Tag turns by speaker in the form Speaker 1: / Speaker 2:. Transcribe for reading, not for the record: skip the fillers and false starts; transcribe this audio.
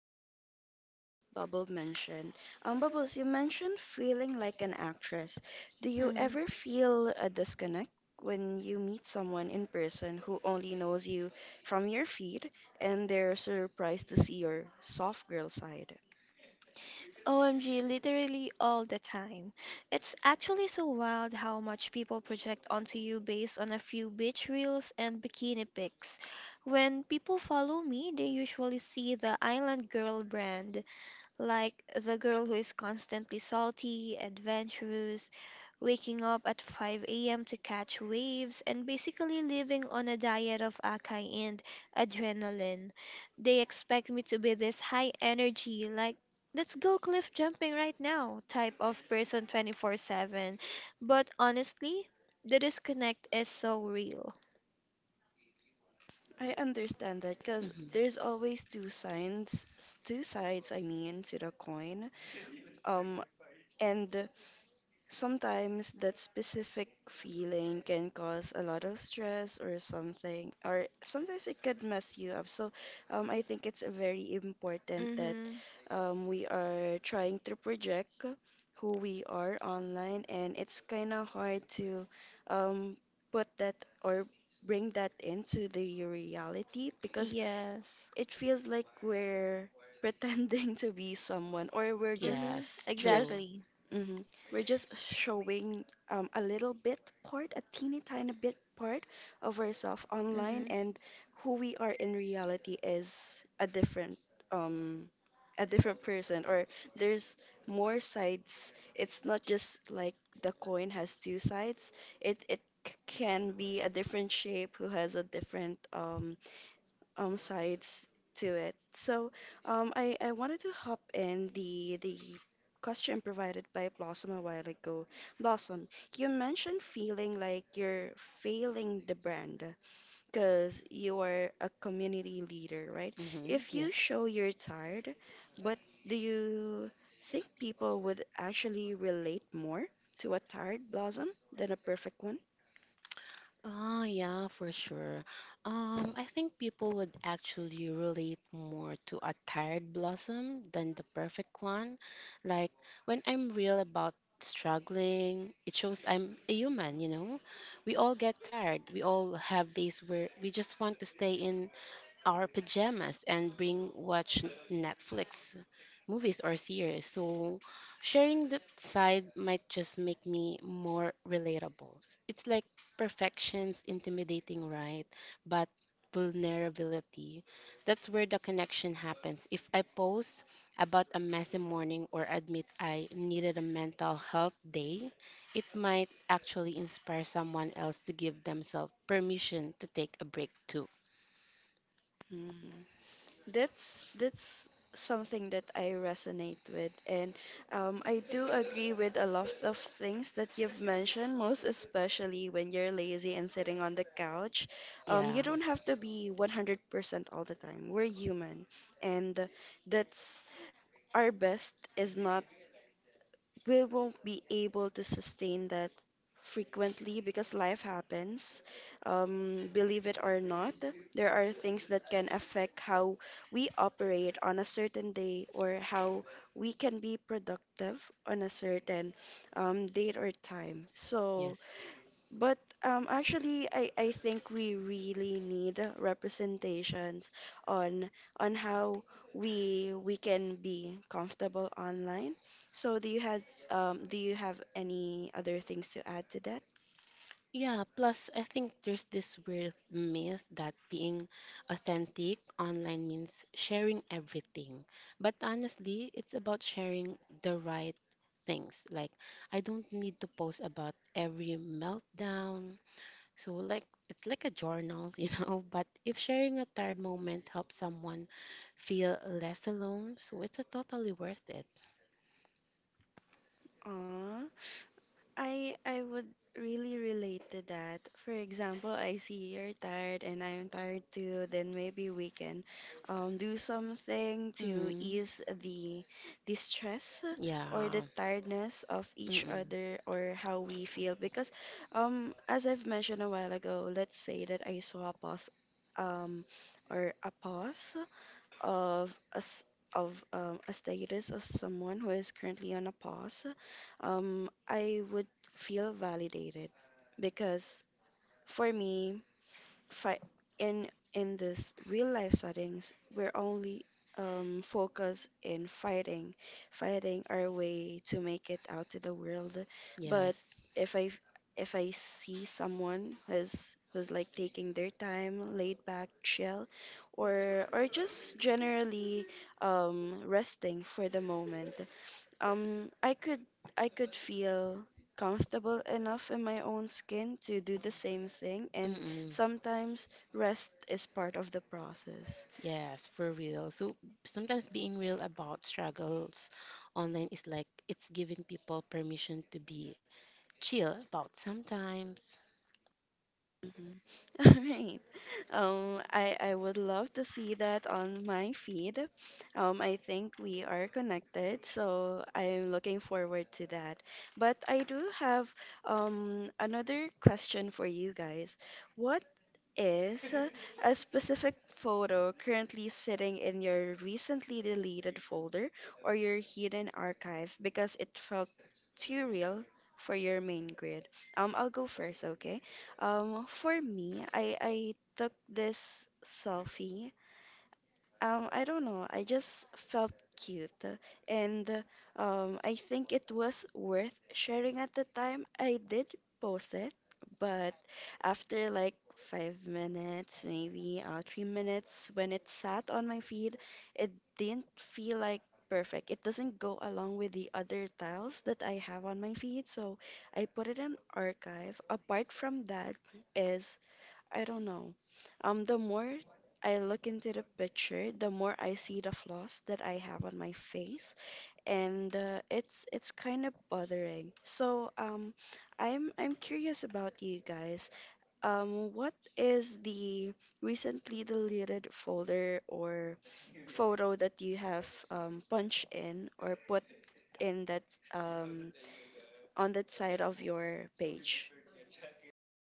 Speaker 1: go back to what Bubble mentioned. Bubbles, you mentioned feeling like an actress. Do you
Speaker 2: Mhm.
Speaker 1: ever feel a disconnect when you meet someone in person who only knows you from your feed and they're surprised to see your soft girl side?
Speaker 2: OMG, literally all the time. It's actually so wild how much people project onto you based on a few beach reels and bikini pics. When people follow me, they usually see the island girl brand, like the girl who is constantly salty, adventurous, waking up at 5 a.m. to catch waves, and basically living on a diet of acai and adrenaline. They expect me to be this high energy, like, let's go cliff jumping right now type of person 24/7. But honestly, the disconnect is so real.
Speaker 1: I understand that because there's
Speaker 3: Mhm.
Speaker 1: always two sides, I mean, to the coin. Um, and Sometimes that specific feeling can cause a lot of stress or something, or sometimes it could mess you up. So I think it's very important that
Speaker 2: Mhm.
Speaker 1: we are trying to project who we are online, and it's kind of hard to um, put that or bring that into the reality because
Speaker 2: Yes.
Speaker 1: it feels like we're pretending to be someone or
Speaker 2: Mhm.
Speaker 3: Yes,
Speaker 1: just
Speaker 3: true.
Speaker 2: Exactly.
Speaker 1: we're just showing a little bit part a teeny tiny bit part of ourselves online,
Speaker 2: Mhm.
Speaker 1: and who we are in reality is um a different person, or there's more sides. It's not just like the coin has two sides. It can be a different shape who has a different sides to it. So I wanted to hop in the question provided by Blossom a while ago. Blossom, you mentioned feeling like you're failing the brand because you are a community leader, right? If you
Speaker 3: Yes.
Speaker 1: show you're tired, but do you think people would actually relate more to a tired blossom than a perfect one?
Speaker 3: Oh, yeah, for sure. I think people would actually relate more to a tired blossom than the perfect one. Like, when I'm real about struggling, it shows I'm a human, you know? We all get tired. We all have days where we just want to stay in our pajamas and bring watch Netflix movies or series. So sharing that side might just make me more relatable. It's like perfection's intimidating, right? But vulnerability. That's where the connection happens. If I post about a messy morning or admit I needed a mental health day, it might actually inspire someone else to give themselves permission to take a break too.
Speaker 1: Hmm. That's something that I resonate with, and I do agree with a lot of things that you've mentioned. Most especially when you're lazy and sitting on the couch,
Speaker 3: Yeah.
Speaker 1: you don't have to be 100% all the time. We're human, and that's our best is not, we won't be able to sustain that frequently because life happens. Believe it or not, there are things that can affect how we operate on a certain day or how we can be productive on a certain date or time. So,
Speaker 3: Yes.
Speaker 1: but actually, I think we really need representations on on how we can be comfortable online. So do you have any other things to add to that?
Speaker 3: Yeah, plus I think there's this weird myth that being authentic online means sharing everything. But honestly, it's about sharing the right things. Like I don't need to post about every meltdown. So like it's like a journal, you know, but if sharing a tired moment helps someone feel less alone, so it's a totally worth it.
Speaker 1: I would really relate to that. For example, I see you're tired and I am tired too, then maybe we can do something to
Speaker 3: Mm,
Speaker 1: ease the stress or the
Speaker 3: yeah.
Speaker 1: tiredness of each
Speaker 3: Mm-mm.
Speaker 1: other, or how we feel. Because as I've mentioned a while ago, let's say that I saw a pause um or a pause of a s of a status of someone who is currently on a pause. I would feel validated because for me, fi- in in this real life settings, we're only focused in fighting fighting our way to make it out to the world. But
Speaker 3: Yes.
Speaker 1: if i if I see someone who's who's like taking their time, laid back, chill, or just generally resting for the moment, um, I could I could feel comfortable enough in my own skin to do the same thing, and
Speaker 3: Mm-mm.
Speaker 1: sometimes rest is part of the process.
Speaker 3: Yes, for real. So sometimes being real about struggles online is like it's giving people permission to be chill about sometimes.
Speaker 1: Mhm. All right. I would love to see that on my feed. I think we are connected, so I'm looking forward to that. But I do have another question for you guys. What is a specific photo currently sitting in your recently deleted folder or your hidden archive because it felt too real for your main grid? I'll go first, okay? For me, I took this selfie. I don't know. I just felt cute, and I think it was worth sharing at the time. I did post it, but after like 5 minutes, maybe 3 minutes, when it sat on my feed, it didn't feel like perfect. It doesn't go along with the other tiles that I have on my feed, so I put it in archive. Apart from that, is I don't know. The more I look into the picture, the more I see the flaws that I have on my face, and it's kind of bothering. So I'm curious about you guys. What is the recently deleted folder or photo that you have punched in or put in that on that side of your page?